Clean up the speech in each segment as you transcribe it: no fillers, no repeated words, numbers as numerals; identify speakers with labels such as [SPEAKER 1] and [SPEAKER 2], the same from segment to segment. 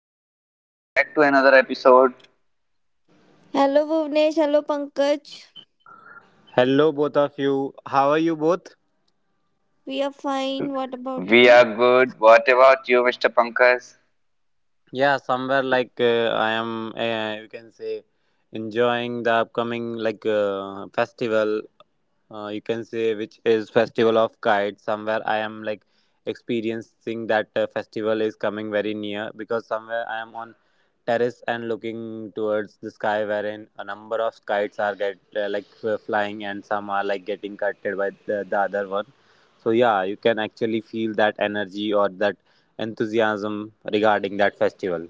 [SPEAKER 1] Rajni, welcome back to another episode.
[SPEAKER 2] Hello Bhuvnesh, hello Pankaj.
[SPEAKER 3] Hello, both of you. How are you both?
[SPEAKER 2] We are fine. What about
[SPEAKER 1] We
[SPEAKER 2] you?
[SPEAKER 1] are good. What about you, Mr. Pankaj?
[SPEAKER 3] Yeah, somewhere like I am, you can say, enjoying the upcoming like festival, you can say, which is festival of kites. Somewhere I am like experiencing that festival is coming very near, because somewhere I am on terrace and looking towards the sky, wherein a number of kites are get flying, and some are like getting cutted by the other one. So yeah, you can actually feel that energy or that enthusiasm regarding that festival.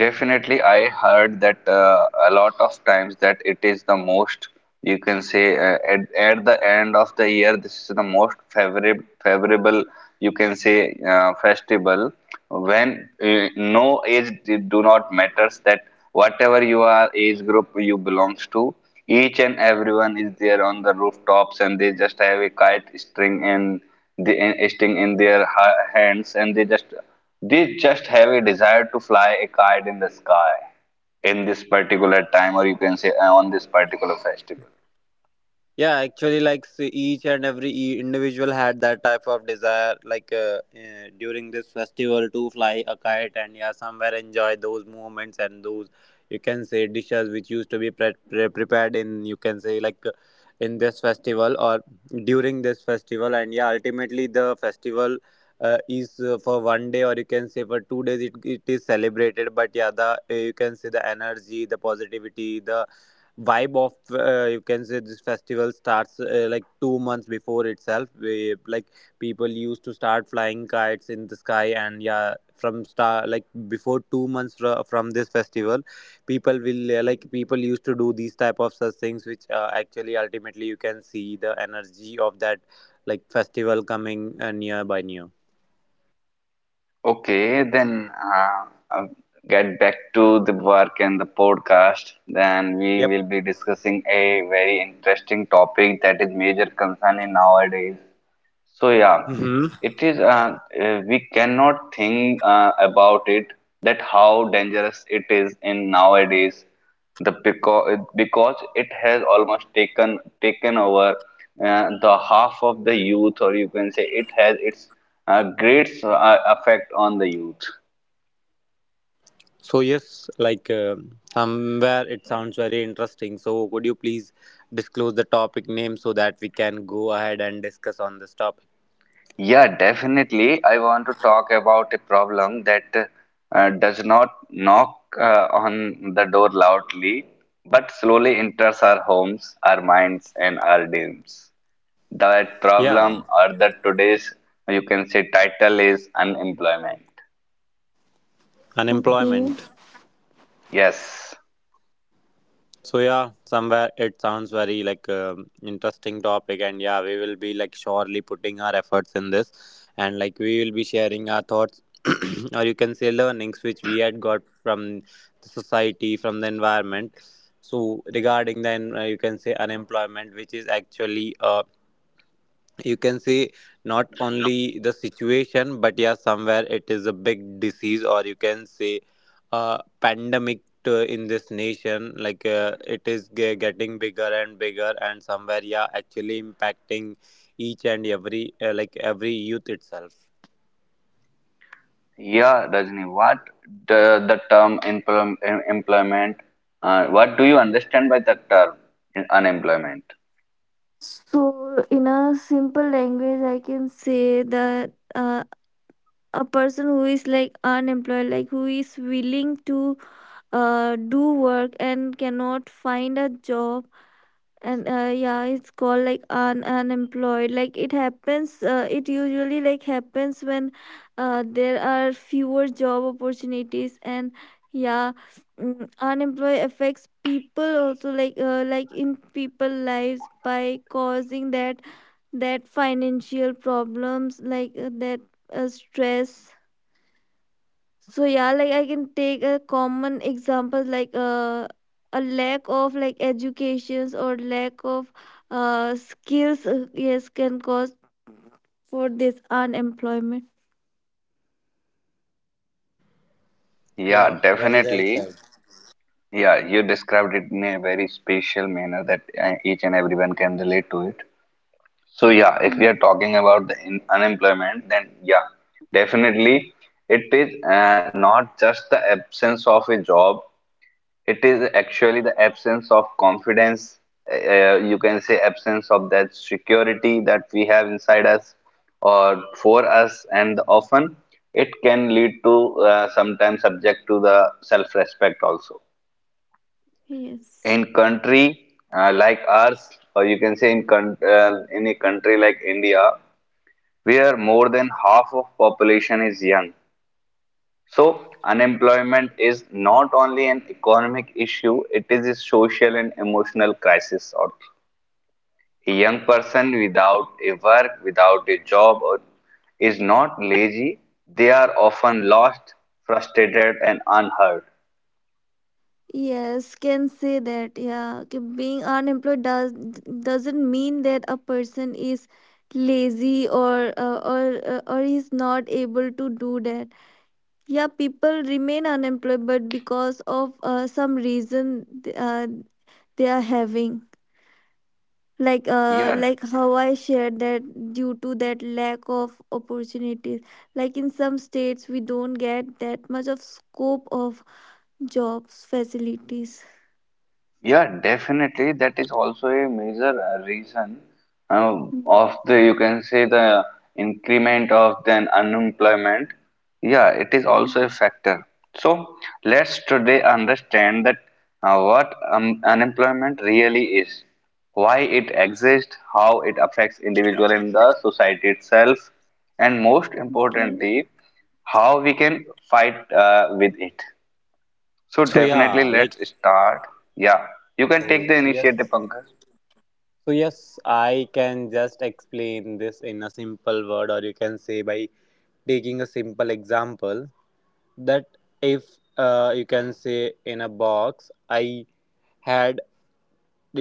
[SPEAKER 1] Definitely, I heard that a lot of times that it is the most you can say at the end of the year this is the most favorable you can say festival when no do not matters that whatever you are age group you belongs to, each and everyone is there on the rooftops and they just have a kite string in the string in their hands and they just have a desire to fly a kite in the sky in this particular time or you can say on this particular festival.
[SPEAKER 3] Yeah, actually, like see, each and every individual had that type of desire, like during this festival to fly a kite, and yeah, somewhere enjoy those moments and those, you can say, dishes which used to be prepared in, you can say, like in this festival or during this festival. And yeah, ultimately the festival is for 1 day, or you can say for 2 days, it is celebrated. But yeah, the you can say the energy, the positivity, the vibe of, you can say, this festival starts like 2 months before itself. We, like, people used to start flying kites in the sky, and yeah, from star, like, before 2 months from this festival, people will like people used to do these type of such things, which actually ultimately you can see the energy of that like festival coming near by near.
[SPEAKER 1] Okay, then I get back to the work and the podcast. Then we
[SPEAKER 3] Yep.
[SPEAKER 1] will be discussing a very interesting topic that is major concern in nowadays. So yeah,
[SPEAKER 3] Hmm.
[SPEAKER 1] it is. We cannot think about it that how dangerous it is in nowadays. The because it has almost taken over the half of the youth, or you can say it has its great effect on the youth.
[SPEAKER 3] So yes, like somewhere it sounds very interesting. So would you please disclose the topic name so that we can go ahead and discuss on this topic?
[SPEAKER 1] Yeah, definitely. I want to talk about a problem that does not knock on the door loudly, but slowly enters our homes, our minds, and our dreams. That
[SPEAKER 3] Yeah,
[SPEAKER 1] problem, or that today's, you can say, title is unemployment.
[SPEAKER 2] Okay.
[SPEAKER 3] unemployment.
[SPEAKER 1] Yes.
[SPEAKER 3] So yeah, somewhere it sounds very like interesting topic, and yeah, we will be like surely putting our efforts in this, and like we will be sharing our thoughts, or you can say learnings which we had got from the society, from the environment. So regarding then you can say unemployment, which is actually you can see, not only the situation, but yeah, somewhere it is a big disease, or you can say a pandemic to, in this nation. Like it is getting bigger and bigger, and somewhere yeah, actually impacting each and every like every youth itself.
[SPEAKER 1] Yeah, Rajni, what the term employment, what do you understand by the term unemployment?
[SPEAKER 2] So, in a simple language, I can say that a person who is like unemployed, like who is willing to do work and cannot find a job, and yeah it's called like unemployed. Like it happens it usually like happens when there are fewer job opportunities and yeah, unemployed affects people also like in people lives by causing that financial problems like that stress. So yeah, like I can take a common example like a lack of like educations or lack of skills yes can cause for this unemployment.
[SPEAKER 1] Yeah,
[SPEAKER 3] Yeah, very well
[SPEAKER 1] definitely.
[SPEAKER 3] said.
[SPEAKER 1] Yeah, you described it in a very special manner that each and everyone can relate to it. So yeah, if we are
[SPEAKER 2] Mm.
[SPEAKER 1] talking about the in unemployment, then yeah, definitely it is not just the absence of a job. It is actually the absence of confidence. You can say absence of that security that we have inside us or for us, and often it can lead to sometimes subject to the self-respect also
[SPEAKER 2] Yes.
[SPEAKER 1] in country like ours, or you can say in in a country like India, where more than half of population is young. So unemployment is not only an economic issue; it is a social and emotional crisis. Or a young person without a work, without a job, or is not lazy. They are often lost, frustrated, and unheard.
[SPEAKER 2] Yes, can say that. Yeah, कि being unemployed doesn't mean that a person is lazy or or is not able to do that. Yeah, people remain unemployed, but because of some reason, they are having like uh,
[SPEAKER 1] Yeah,
[SPEAKER 2] like how I shared that, due to that lack of opportunities, like in some states we don't get that much of scope of jobs facilities.
[SPEAKER 1] yeah, definitely. That is also a major reason uh,
[SPEAKER 2] Mm,
[SPEAKER 1] of the, you can say, the increment of the unemployment. Yeah, it is also
[SPEAKER 2] mm,
[SPEAKER 1] a factor. So let's today understand that what unemployment really is, why it exists, how it affects individual in the society itself, and most
[SPEAKER 2] okay.
[SPEAKER 1] importantly, how we can fight with it. So
[SPEAKER 3] So
[SPEAKER 2] Mm,
[SPEAKER 1] definitely
[SPEAKER 3] yeah, like,
[SPEAKER 1] let's start. Yeah, you can take
[SPEAKER 3] so
[SPEAKER 1] the initiative,
[SPEAKER 3] yes,
[SPEAKER 1] Pankaj.
[SPEAKER 3] I can just explain this in a simple word, or you can say by taking a simple example, that if you can say in a box I had,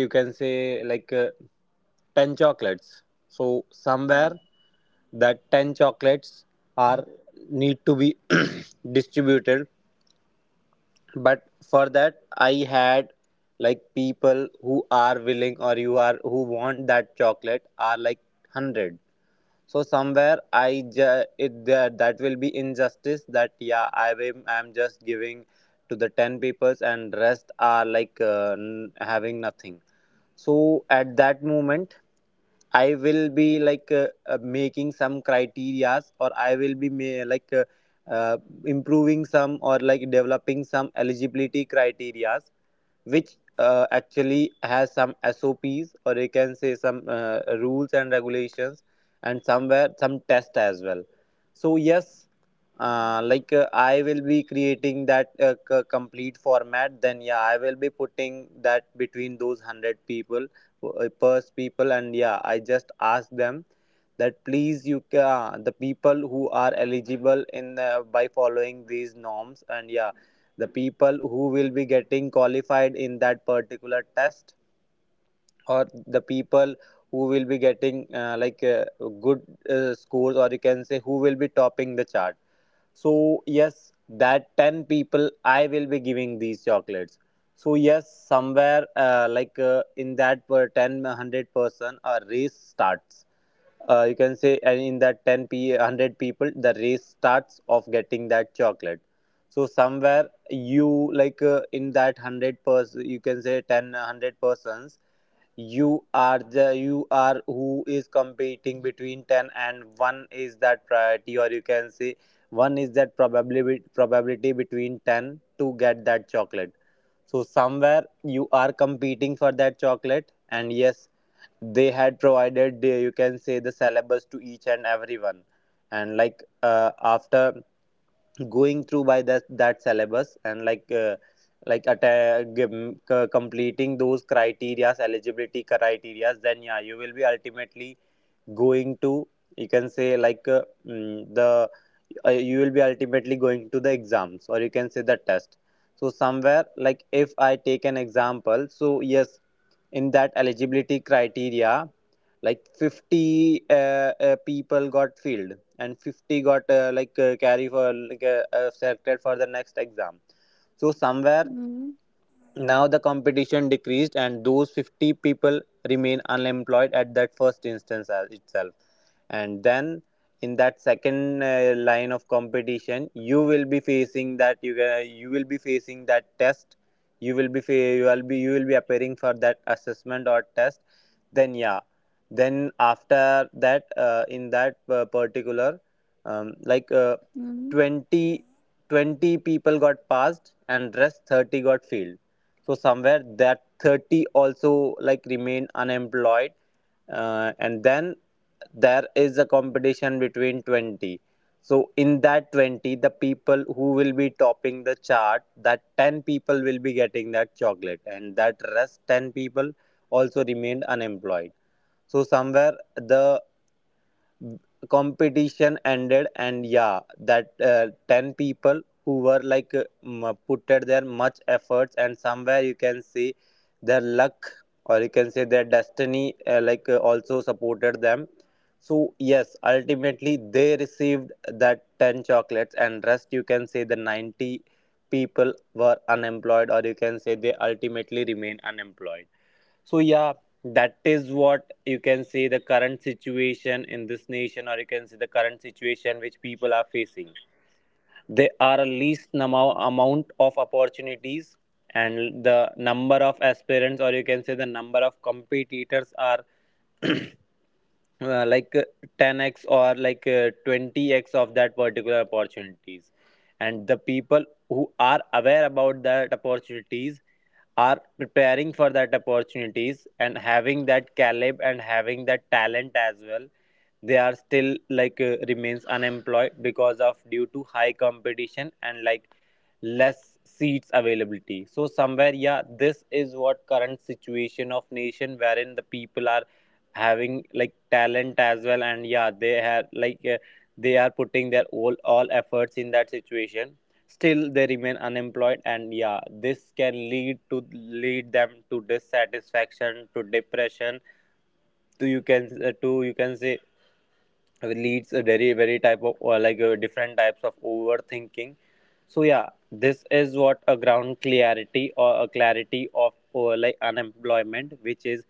[SPEAKER 3] you can say, like 10 chocolates. So somewhere that 10 chocolates are need to be distributed, but for that I had like people who are willing, or you are who want that chocolate, are like 100. So somewhere I ju- it that that will be injustice. That yeah, I'm just giving to the ten peoples, and rest are like having nothing. So at that moment, I will be like making some criterias, or I will be uh, improving some, or like developing some eligibility criterias which actually has some SOPs, or you can say some rules and regulations, and somewhere some test as well. So yes, like I will be creating that complete format. Then yeah, I will be putting that between those hundred people, pers people, and yeah, i just ask them that please the people who are eligible in, by following these norms, and yeah, the people who will be getting qualified in that particular test, or the people who will be getting good scores, or you can say who will be topping the chart, so yes that 10 people I will be giving these chocolates. So yes, somewhere in that per 10 hundred person a race starts, you can say. And in that 10 p 100 people, the race starts of getting that chocolate. So somewhere, you like in that 100 person, you can say, 10 100 persons, you are the you are who is competing between 10, and one is that priority, or you can say one is that probability between 10 to get that chocolate. So somewhere you are competing for that chocolate, and yes, they had provided the, you can say, the syllabus to each and everyone. And like after going through by that syllabus, and like completing those criterias eligibility criterias, then yeah, you will be ultimately going to, you can say, like mm, the you will be ultimately going to the exams, or you can say the test. So somewhere, like if I take an example, so yes, in that eligibility criteria, like 50 people got filled, and 50 got like carry for like selected for the next exam. So somewhere
[SPEAKER 2] mm, mm,
[SPEAKER 3] now the competition decreased, and those 50 people remain unemployed at that first instance as itself. And then in that second line of competition, you will be facing you will be facing that test. You will be fa- you will be You will be appearing for that assessment or test. Then yeah, then after that, in that particular, um, like uh,
[SPEAKER 2] mm.
[SPEAKER 3] 20, twenty people got passed, and rest 30 got failed. So somewhere that 30 also like remain unemployed. And then there is a competition between 20. So in that 20, the people who will be topping the chart, that 10 people will be getting that chocolate, and that rest 10 people also remained unemployed. So somewhere the competition ended, and yeah, that 10 people, who were like put at their much efforts, and somewhere you can see their luck, or you can say their destiny also supported them. So yes, ultimately they received that 10 chocolates, and rest, you can say, the 90 people were unemployed, or you can say they ultimately remain unemployed. So yeah, that is what, you can say, the current situation in this nation, or you can say the current situation which people are facing. There are a least amount of opportunities, and the number of aspirants, or you can say the number of competitors, are uh, like uh, 10x, or like 20x of that particular opportunities. And the people who are aware about that opportunities are preparing for that opportunities, and having that caliber and having that talent as well, they are still like remains unemployed, because of due to high competition and like less seats availability. So somewhere yeah, this is what current situation of nation, wherein the people are having like talent as well, and yeah, they have like they are putting their all efforts in that situation, still they remain unemployed. And yeah, this can lead them to dissatisfaction, to depression, to you can say leads a very type of, or like different types of overthinking. So yeah, this is what a ground clarity, or a clarity of, or like, unemployment, which is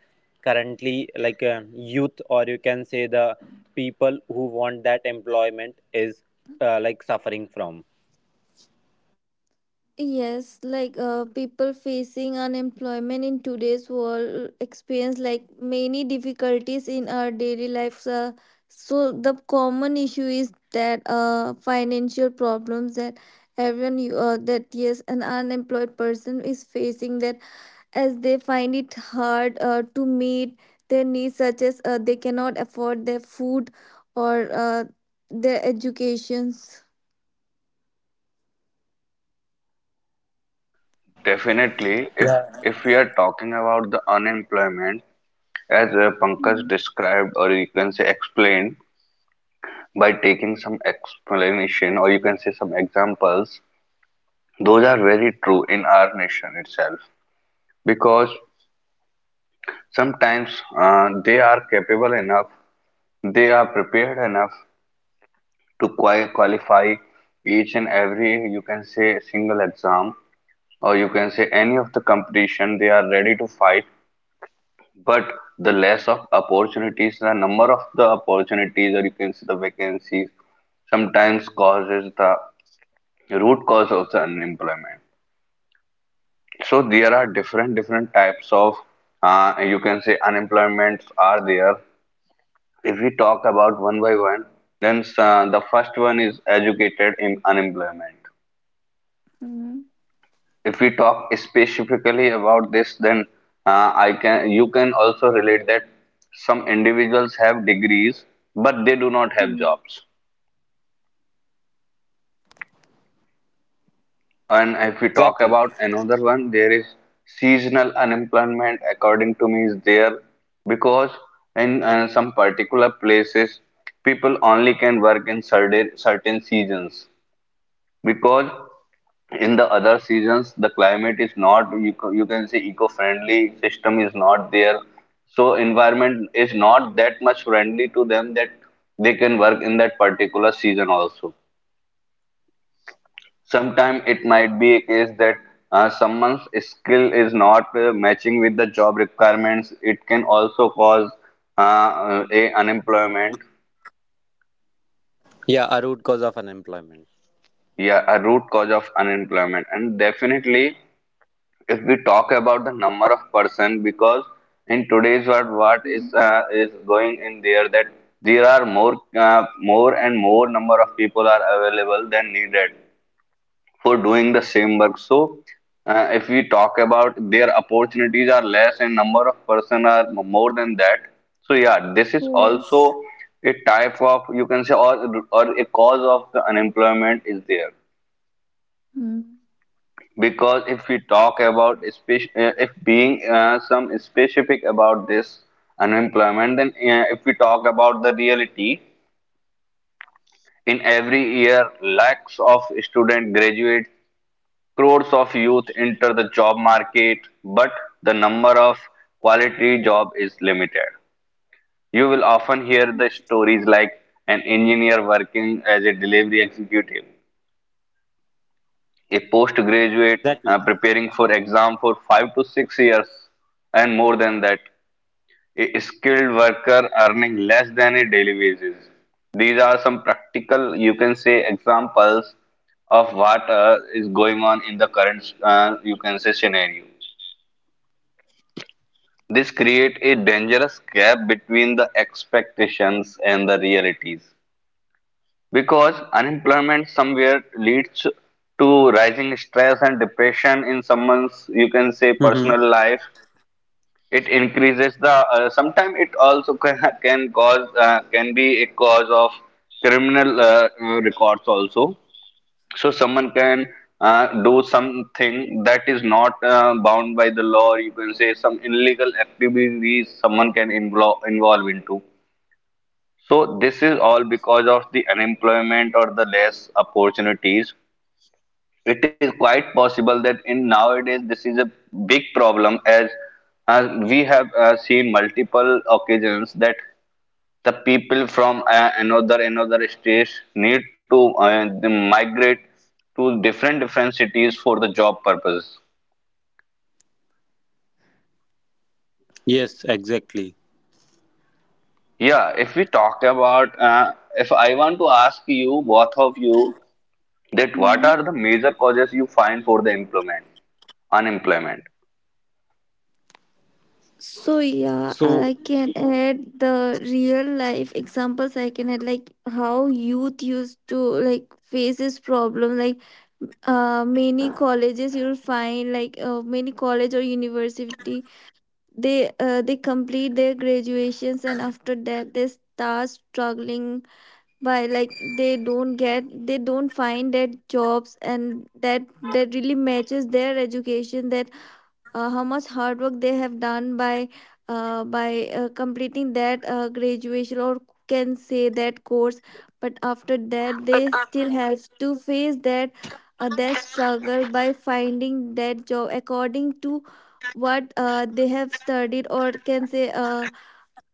[SPEAKER 3] currently like a youth, or you can say the people who want that employment is like suffering from.
[SPEAKER 2] Yes, like people facing unemployment in today's world experience like many difficulties in our daily lives. So the common issue is that financial problems that that yes, an unemployed person is facing that, as they find it hard to meet their needs, such as they cannot afford their food or their educations.
[SPEAKER 1] Definitely, if
[SPEAKER 3] Yeah.
[SPEAKER 1] if we are talking about the unemployment, as Pankaj described, or you can say explained, by taking some explanation or you can say some examples, those are very true in our nation itself. Because sometimes they are capable enough, they are prepared enough to qualify each and every, you can say, single exam or you can say any of the competition they are ready to fight, but the less of opportunities, the number of the opportunities or you can see the vacancies sometimes causes the root cause of the unemployment. So there are different different types of you can say unemployments are there. If we talk about one by one, then the first one is educated in unemployment.
[SPEAKER 2] Mhm.
[SPEAKER 1] If we talk specifically about this, then I can you can also relate that some individuals have degrees, but they do not have jobs. And if we
[SPEAKER 3] Yes,
[SPEAKER 1] talk
[SPEAKER 3] exactly.
[SPEAKER 1] about another one, there is seasonal unemployment, according to me, is there because in some particular places people only can work in certain certain seasons, because in the other seasons the climate is not you, you can say eco-friendly system is not there, so environment is not that much friendly to them that they can work in that particular season also. Sometimes it might be a case that someone's skill is not matching with the job requirements. It can also cause a unemployment,
[SPEAKER 3] Yeah, a root cause of unemployment.
[SPEAKER 1] yeah, a root cause of unemployment. And definitely if we talk about the number of person, because in today's world what
[SPEAKER 2] Mhm.
[SPEAKER 1] is going in there that there are more and more number of people are available than needed for doing the same work. So if we talk about, their opportunities are less and number of person are more than that. So yeah, this is
[SPEAKER 2] Yes.
[SPEAKER 1] also a type of you can say, or a cause of the unemployment is there. Because if we talk about if being some specific about this unemployment, then if we talk about the reality, in every year lakhs of student graduate, crores of youth enter the job market, but the number of quality job is limited. You will often hear the stories like an engineer working as a delivery executive, a
[SPEAKER 3] Yeah,
[SPEAKER 1] postgraduate
[SPEAKER 3] exactly.
[SPEAKER 1] preparing for exam for 5 to 6 years and more than that, a skilled worker earning less than a daily wages. These are some practical you can say examples of what is going on in the current you can say scenario. This create a dangerous gap between the expectations and the realities. Because unemployment somewhere leads to rising stress and depression in someone's, you can say, personal
[SPEAKER 3] Mm-hmm.
[SPEAKER 1] life. It increases the. Sometimes it also can cause can be a cause of criminal records also. So someone can do something that is not bound by the law, or you can say some illegal activities someone can involve into. So this is all because of the unemployment or the less opportunities. It is quite possible that in nowadays this is a big problem, as we have seen multiple occasions that the people from another another state need to they migrate to different different cities for the job purpose.
[SPEAKER 3] Yes, exactly.
[SPEAKER 1] Yeah, if we talk about, if I want to ask you, both of you, that what
[SPEAKER 2] Mhm.
[SPEAKER 1] are the major causes you find for the employment? Unemployment.
[SPEAKER 2] So yeah,
[SPEAKER 3] So,
[SPEAKER 2] I can add the real life examples. I can add like how youth used to like face this problem. Like many colleges you'll find like many college or university, they complete their graduations, and after that they start struggling by like they don't find that jobs and that that really matches their education, that how much hard work they have done by completing that graduation or can say that course. But after that, they still have to face that that struggle by finding that job according to what they have studied, or can say uh,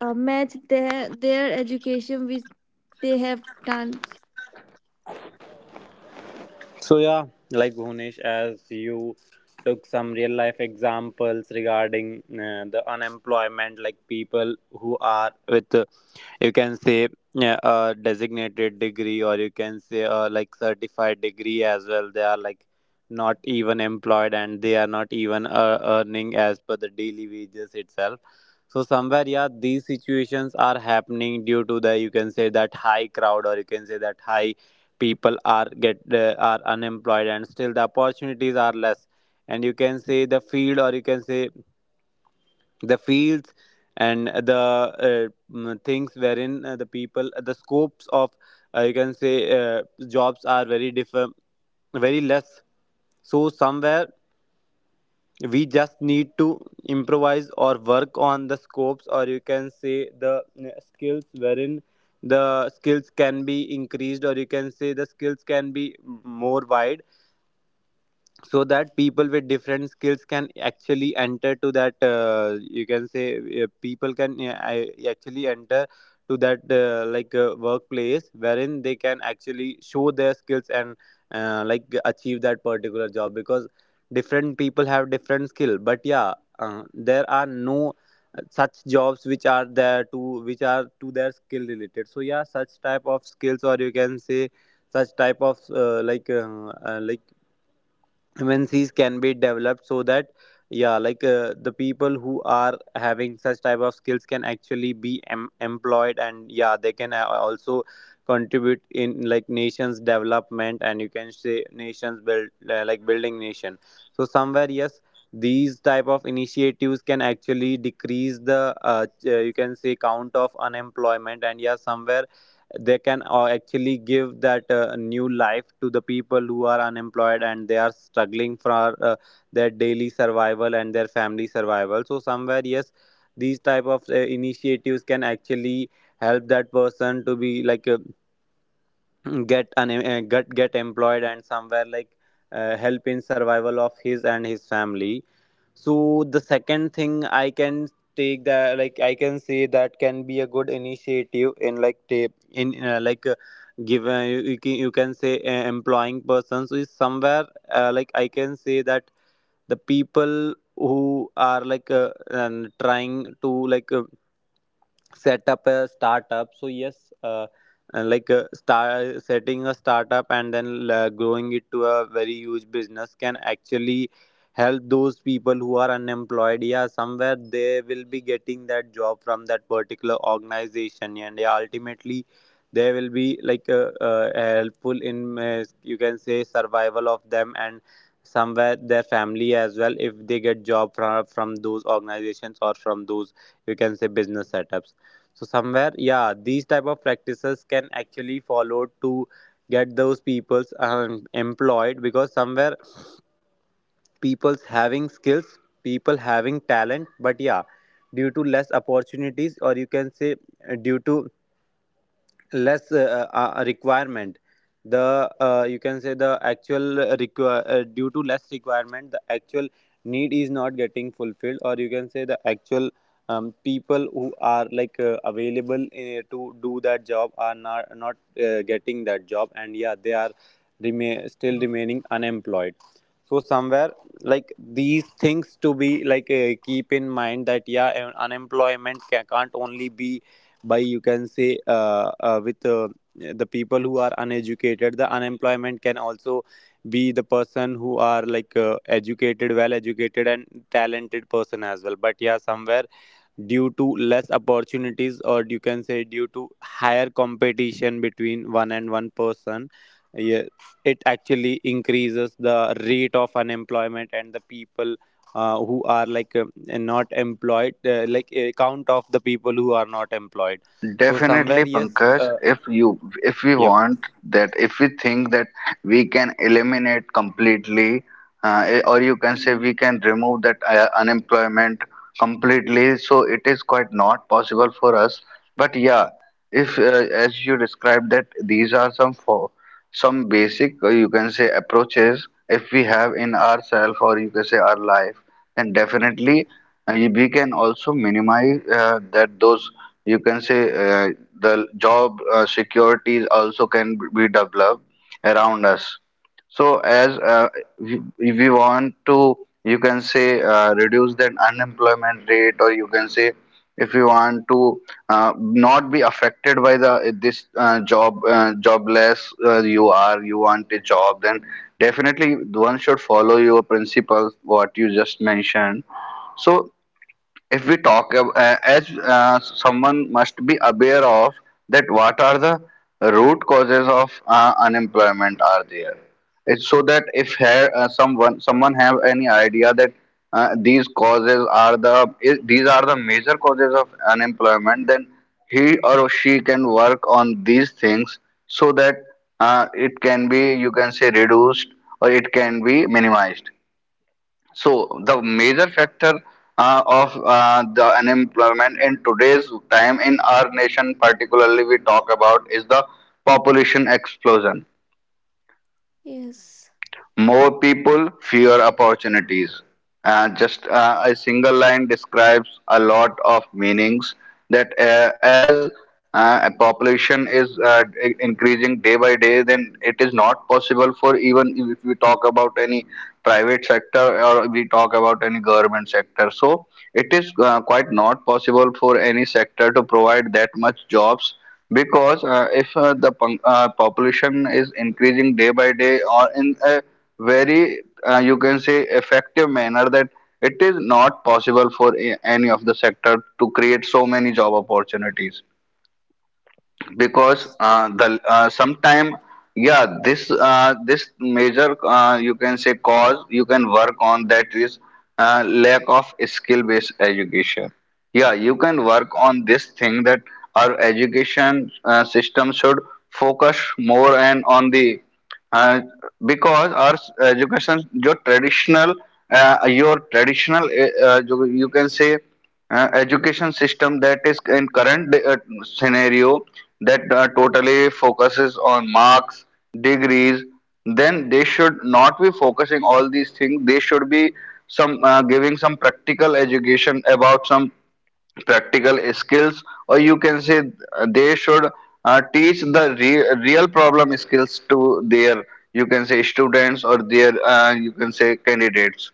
[SPEAKER 2] uh, match their education with they have done.
[SPEAKER 3] so yeah, like Bhunesh, as you took some real life examples regarding the unemployment, like people who are with, you can say a designated degree, or you can say like certified degree as well, they are like not even employed, and they are not even earning as per the daily wages itself. So somewhere, yeah, these situations are happening due to the you can say that high crowd or you can say that high people are get are unemployed, and still the opportunities are less, and you can say the field, or you can say the fields, and things wherein the scopes of you can say jobs are very less. So somewhere we just need to improvise or work on the scopes, or you can say skills, wherein the skills can be increased, or you can say the skills can be more wide, so that people with different skills can actually enter to that you can say actually enter to that like workplace wherein they can actually show their skills and like achieve that particular job. Because different people have different skill, but yeah, there are no such jobs which are there to which are to their skill related. So yeah, such type of skills, or you can say such type of MNCs can be developed, so that yeah, the people who are having such type of skills can actually be employed, and yeah, they can also contribute in like nations development, and you can say nations build like building nation. So somewhere, yes, these type of initiatives can actually decrease the ch- you can say count of unemployment, and yeah, somewhere they can actually give that new life to the people who are unemployed and they are struggling for uh, their daily survival and their family survival. So somewhere, yes, these type of initiatives can actually help that person to be get an get employed, and somewhere help in survival of his and his family. So the second thing I can take that like I can say that can be a good initiative in like tape in give you can say employing persons is somewhere. Like I can say that the people who are and trying to like uh, set up a startup. So yes, start setting a startup and then growing it to a very huge business can actually help those people who are unemployed. Yeah, somewhere they will be getting that job from that particular organization, and yeah, ultimately they will be helpful in you can say survival of them and somewhere their family as well, if they get job from those organizations or from those you can say business setups. So somewhere, yeah, these type of practices can actually follow to get those peoples employed, because somewhere people's having skills, people having talent, but yeah, due to less opportunities, or you can say due to less requirement, the you can say the actual require due to less requirement, the actual need is not getting fulfilled, or you can say the actual people who are available to do that job are not getting that job, and yeah, they are remain still remaining unemployed. So somewhere, like, these things to be keep in mind, that yeah, unemployment can't only be by you can say with the people who are uneducated. The unemployment can also be the person who are educated, well educated and talented person as well. But yeah, somewhere, due to less opportunities, or you can say due to higher competition between one and one person, yeah, it actually increases the rate of unemployment, and the people who are not employed, like a count of the people who are not employed. So somewhere,
[SPEAKER 1] Definitely,
[SPEAKER 3] yes,
[SPEAKER 1] Pankaj, if we
[SPEAKER 3] yep.
[SPEAKER 1] want that if we think that we can eliminate completely or you can say we
[SPEAKER 2] Mm,
[SPEAKER 1] can remove that unemployment completely, so it is quite not possible for us. But yeah, if as you described that these are some four, some basic you can say approaches if we have in ourself or you can say our life, then definitely we can also minimize that those you can say the job securities also can be developed around us. So as we want to, you can say, reduce that unemployment rate, or you can say, if you want to not be affected by the this job jobless you are, you want a job, then definitely one should follow your principles, what you just mentioned. So if we talk as someone must be aware of that what are the root causes of unemployment are there, it's so that if someone someone have any idea that these causes are the these are the major causes of unemployment, then he or she can work on these things so that it can be you can say reduced, or it can be minimized. So the major factor of the unemployment in today's time in our nation, particularly we talk about, is the population explosion.
[SPEAKER 2] yes.
[SPEAKER 1] More people, fewer opportunities. Just a single line describes a lot of meanings that as a population is increasing day by day, then it is not possible for even if we talk about any private sector or we talk about any government sector. So it is quite not possible for any sector to provide that much jobs because if the population is increasing day by day or in a very you can say effective manner that it is not possible for any of the sector to create so many job opportunities because the sometime yeah this this major you can say cause you can work on that is lack of skill based education. Yeah, you can work on this thing that our education system should focus more and on the uh, because our education your traditional जो you can say education system that is in current scenario that totally focuses on marks, degrees, then they should not be focusing all these things. They should be some giving some practical education about some practical skills or you can say they should teach the real problem skills to their you can say students or their you can say candidates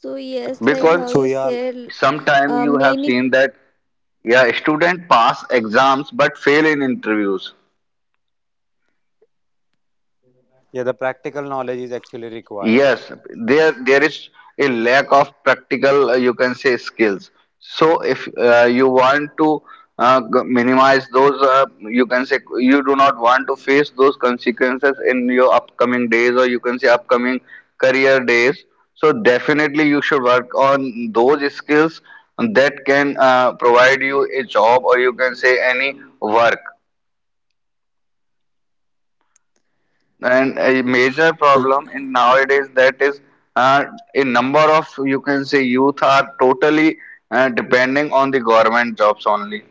[SPEAKER 2] So yes, like
[SPEAKER 1] because
[SPEAKER 2] how you
[SPEAKER 3] So yeah,
[SPEAKER 2] said,
[SPEAKER 1] sometime you have
[SPEAKER 2] many.
[SPEAKER 1] seen that yeah student pass exams but fail in interviews.
[SPEAKER 3] yeah, the practical knowledge is actually required.
[SPEAKER 1] Yes, there is a lack of practical, you can say, skills. So if you want to minimize those, you can say, you do not want to face those consequences in your upcoming days or you can say upcoming career days. So definitely you should work on those skills that can provide you a job or you can say any work. And a major
[SPEAKER 3] So
[SPEAKER 1] problem in nowadays that is uh, a number of you can say youth are totally depending on the government jobs only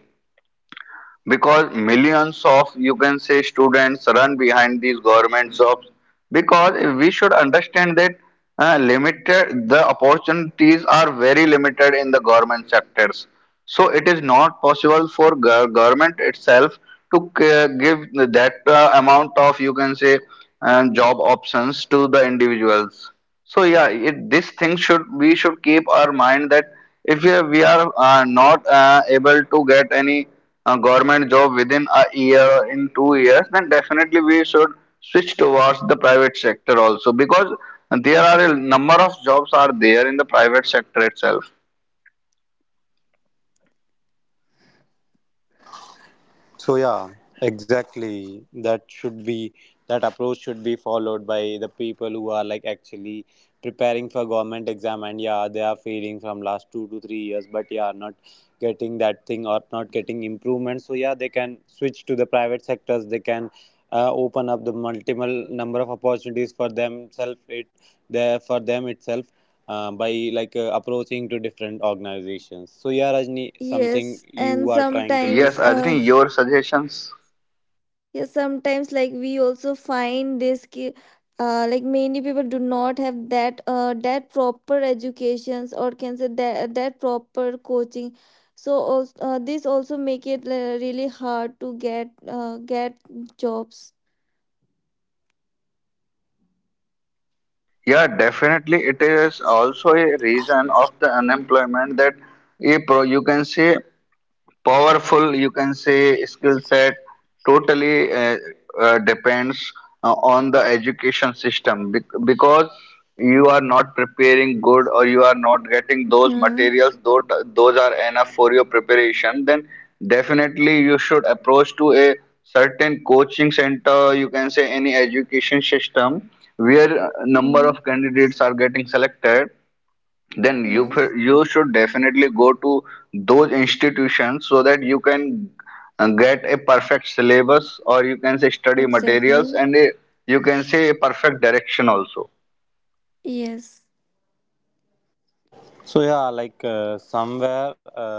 [SPEAKER 1] because millions of you can say students run behind these government jobs because we should understand that limited the opportunities are very limited in the government sectors. So it is not possible for government itself to give that amount of you can say job options to the individuals. So yeah, this thing should, we should keep our mind that if we are not able to get any government job within a year or in 2 years, then definitely we should switch towards the private sector also, because there are a number of jobs are there in the private sector itself.
[SPEAKER 3] so yeah, exactly. That should be, that approach should be followed by the people who are like actually preparing for government exam, and yeah, they are failing from last 2 to 3 years, but yeah, not getting that thing or not getting improvement. So yeah, they can switch to the private sectors. They can open up the multiple number of opportunities for themselves. It there for them itself. By approaching to different organizations. So yeah, Rajni, something
[SPEAKER 2] Yes,
[SPEAKER 3] you
[SPEAKER 2] and
[SPEAKER 3] are trying to say?
[SPEAKER 1] Yes,
[SPEAKER 2] sometimes,
[SPEAKER 1] Ajni, your suggestions.
[SPEAKER 2] yes, sometimes like we also find this, ki- like many people do not have that, that proper educations, or can say that that proper coaching. So also, this also make it really hard to get jobs.
[SPEAKER 1] Yeah,
[SPEAKER 3] So
[SPEAKER 1] definitely.
[SPEAKER 3] yeah.
[SPEAKER 1] It is also a reason of the unemployment that a pro, you can say, powerful, you can say, skill set totally depends on the education system because you are not preparing good or you are not getting those
[SPEAKER 2] Hmm.
[SPEAKER 1] materials, though those are enough for your preparation, then definitely you should approach to a certain coaching center, you can say any education system where number
[SPEAKER 2] Hmm.
[SPEAKER 1] of candidates are getting selected, then
[SPEAKER 2] Yes.
[SPEAKER 1] you should definitely go to those institutions so that you can get a perfect syllabus or you can say study materials
[SPEAKER 2] Exactly.
[SPEAKER 1] and a, you can say a perfect direction also.
[SPEAKER 2] Yes.
[SPEAKER 3] So yeah, somewhere,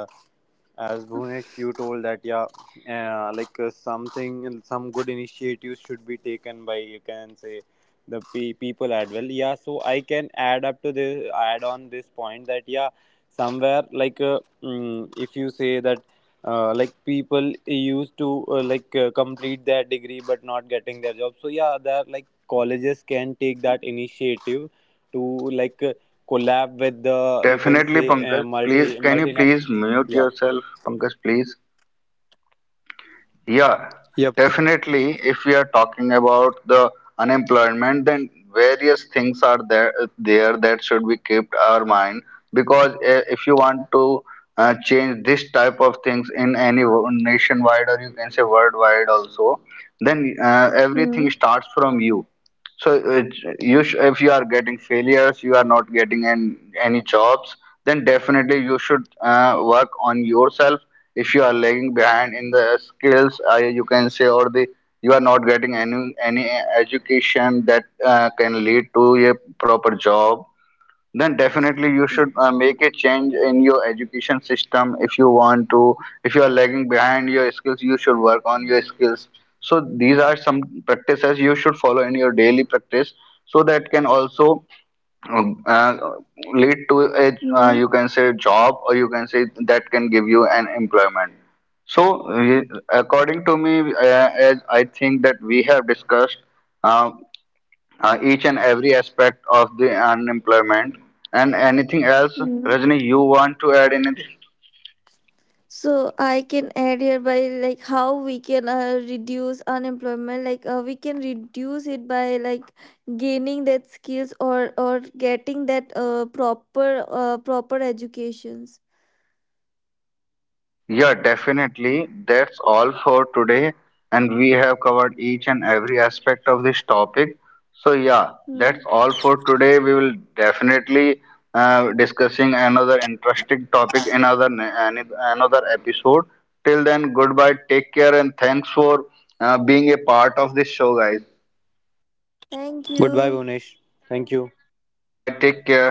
[SPEAKER 3] as Bhunesh, you told that yeah, something, some good initiatives should be taken by you can say people as well. Yeah, so I can add up to this, add on this point, that yeah, somewhere if you say that. Like people used to complete their degree but not getting their job. So yeah, there like colleges can take that initiative to like uh, collab with the you can
[SPEAKER 1] Definitely
[SPEAKER 3] say
[SPEAKER 1] Pankaj, please, can you please
[SPEAKER 3] multinational.
[SPEAKER 1] mute
[SPEAKER 3] Yeah.
[SPEAKER 1] yourself, Pankaj, please. Yeah,
[SPEAKER 3] Yep.
[SPEAKER 1] definitely. If we are talking about the unemployment, then various things are there that should be kept our mind, because eh, if you want to change this type of things in any nationwide or you can say worldwide also, then
[SPEAKER 2] Hmm.
[SPEAKER 1] everything starts from you. So you sh if you are getting failures, you are not getting any jobs, then definitely you should work on yourself. If you are lagging behind in the skills, you can say, or the you are not getting any education that can lead to a proper job, then definitely you should make a change in your education system. If you want to, if you are lagging behind your skills, you should work on your skills. So these are some practices you should follow in your daily practice, so that can also um, uh, lead to a
[SPEAKER 2] Hmm.
[SPEAKER 1] you can say job or you can say that can give you an employment. So according to me, as I think that we have discussed uh, each and every aspect of the unemployment, and anything else,
[SPEAKER 2] Hmm.
[SPEAKER 1] Rajni, you want to add anything?
[SPEAKER 2] So I can add here by like how we can reduce unemployment. Like we can reduce it by like gaining that skills, or getting that proper proper educations.
[SPEAKER 1] Yeah, definitely. That's all for today, and we have covered each and every aspect of this topic. So yeah,
[SPEAKER 2] Hmm.
[SPEAKER 1] that's all for today. We will definitely discussing another interesting topic in another, another episode. Till then, goodbye, take care, and thanks for being a part of this show, guys.
[SPEAKER 2] Thank
[SPEAKER 3] Goodbye,
[SPEAKER 2] you.
[SPEAKER 3] Bhunesh. Thank you.
[SPEAKER 1] Goodbye, take care.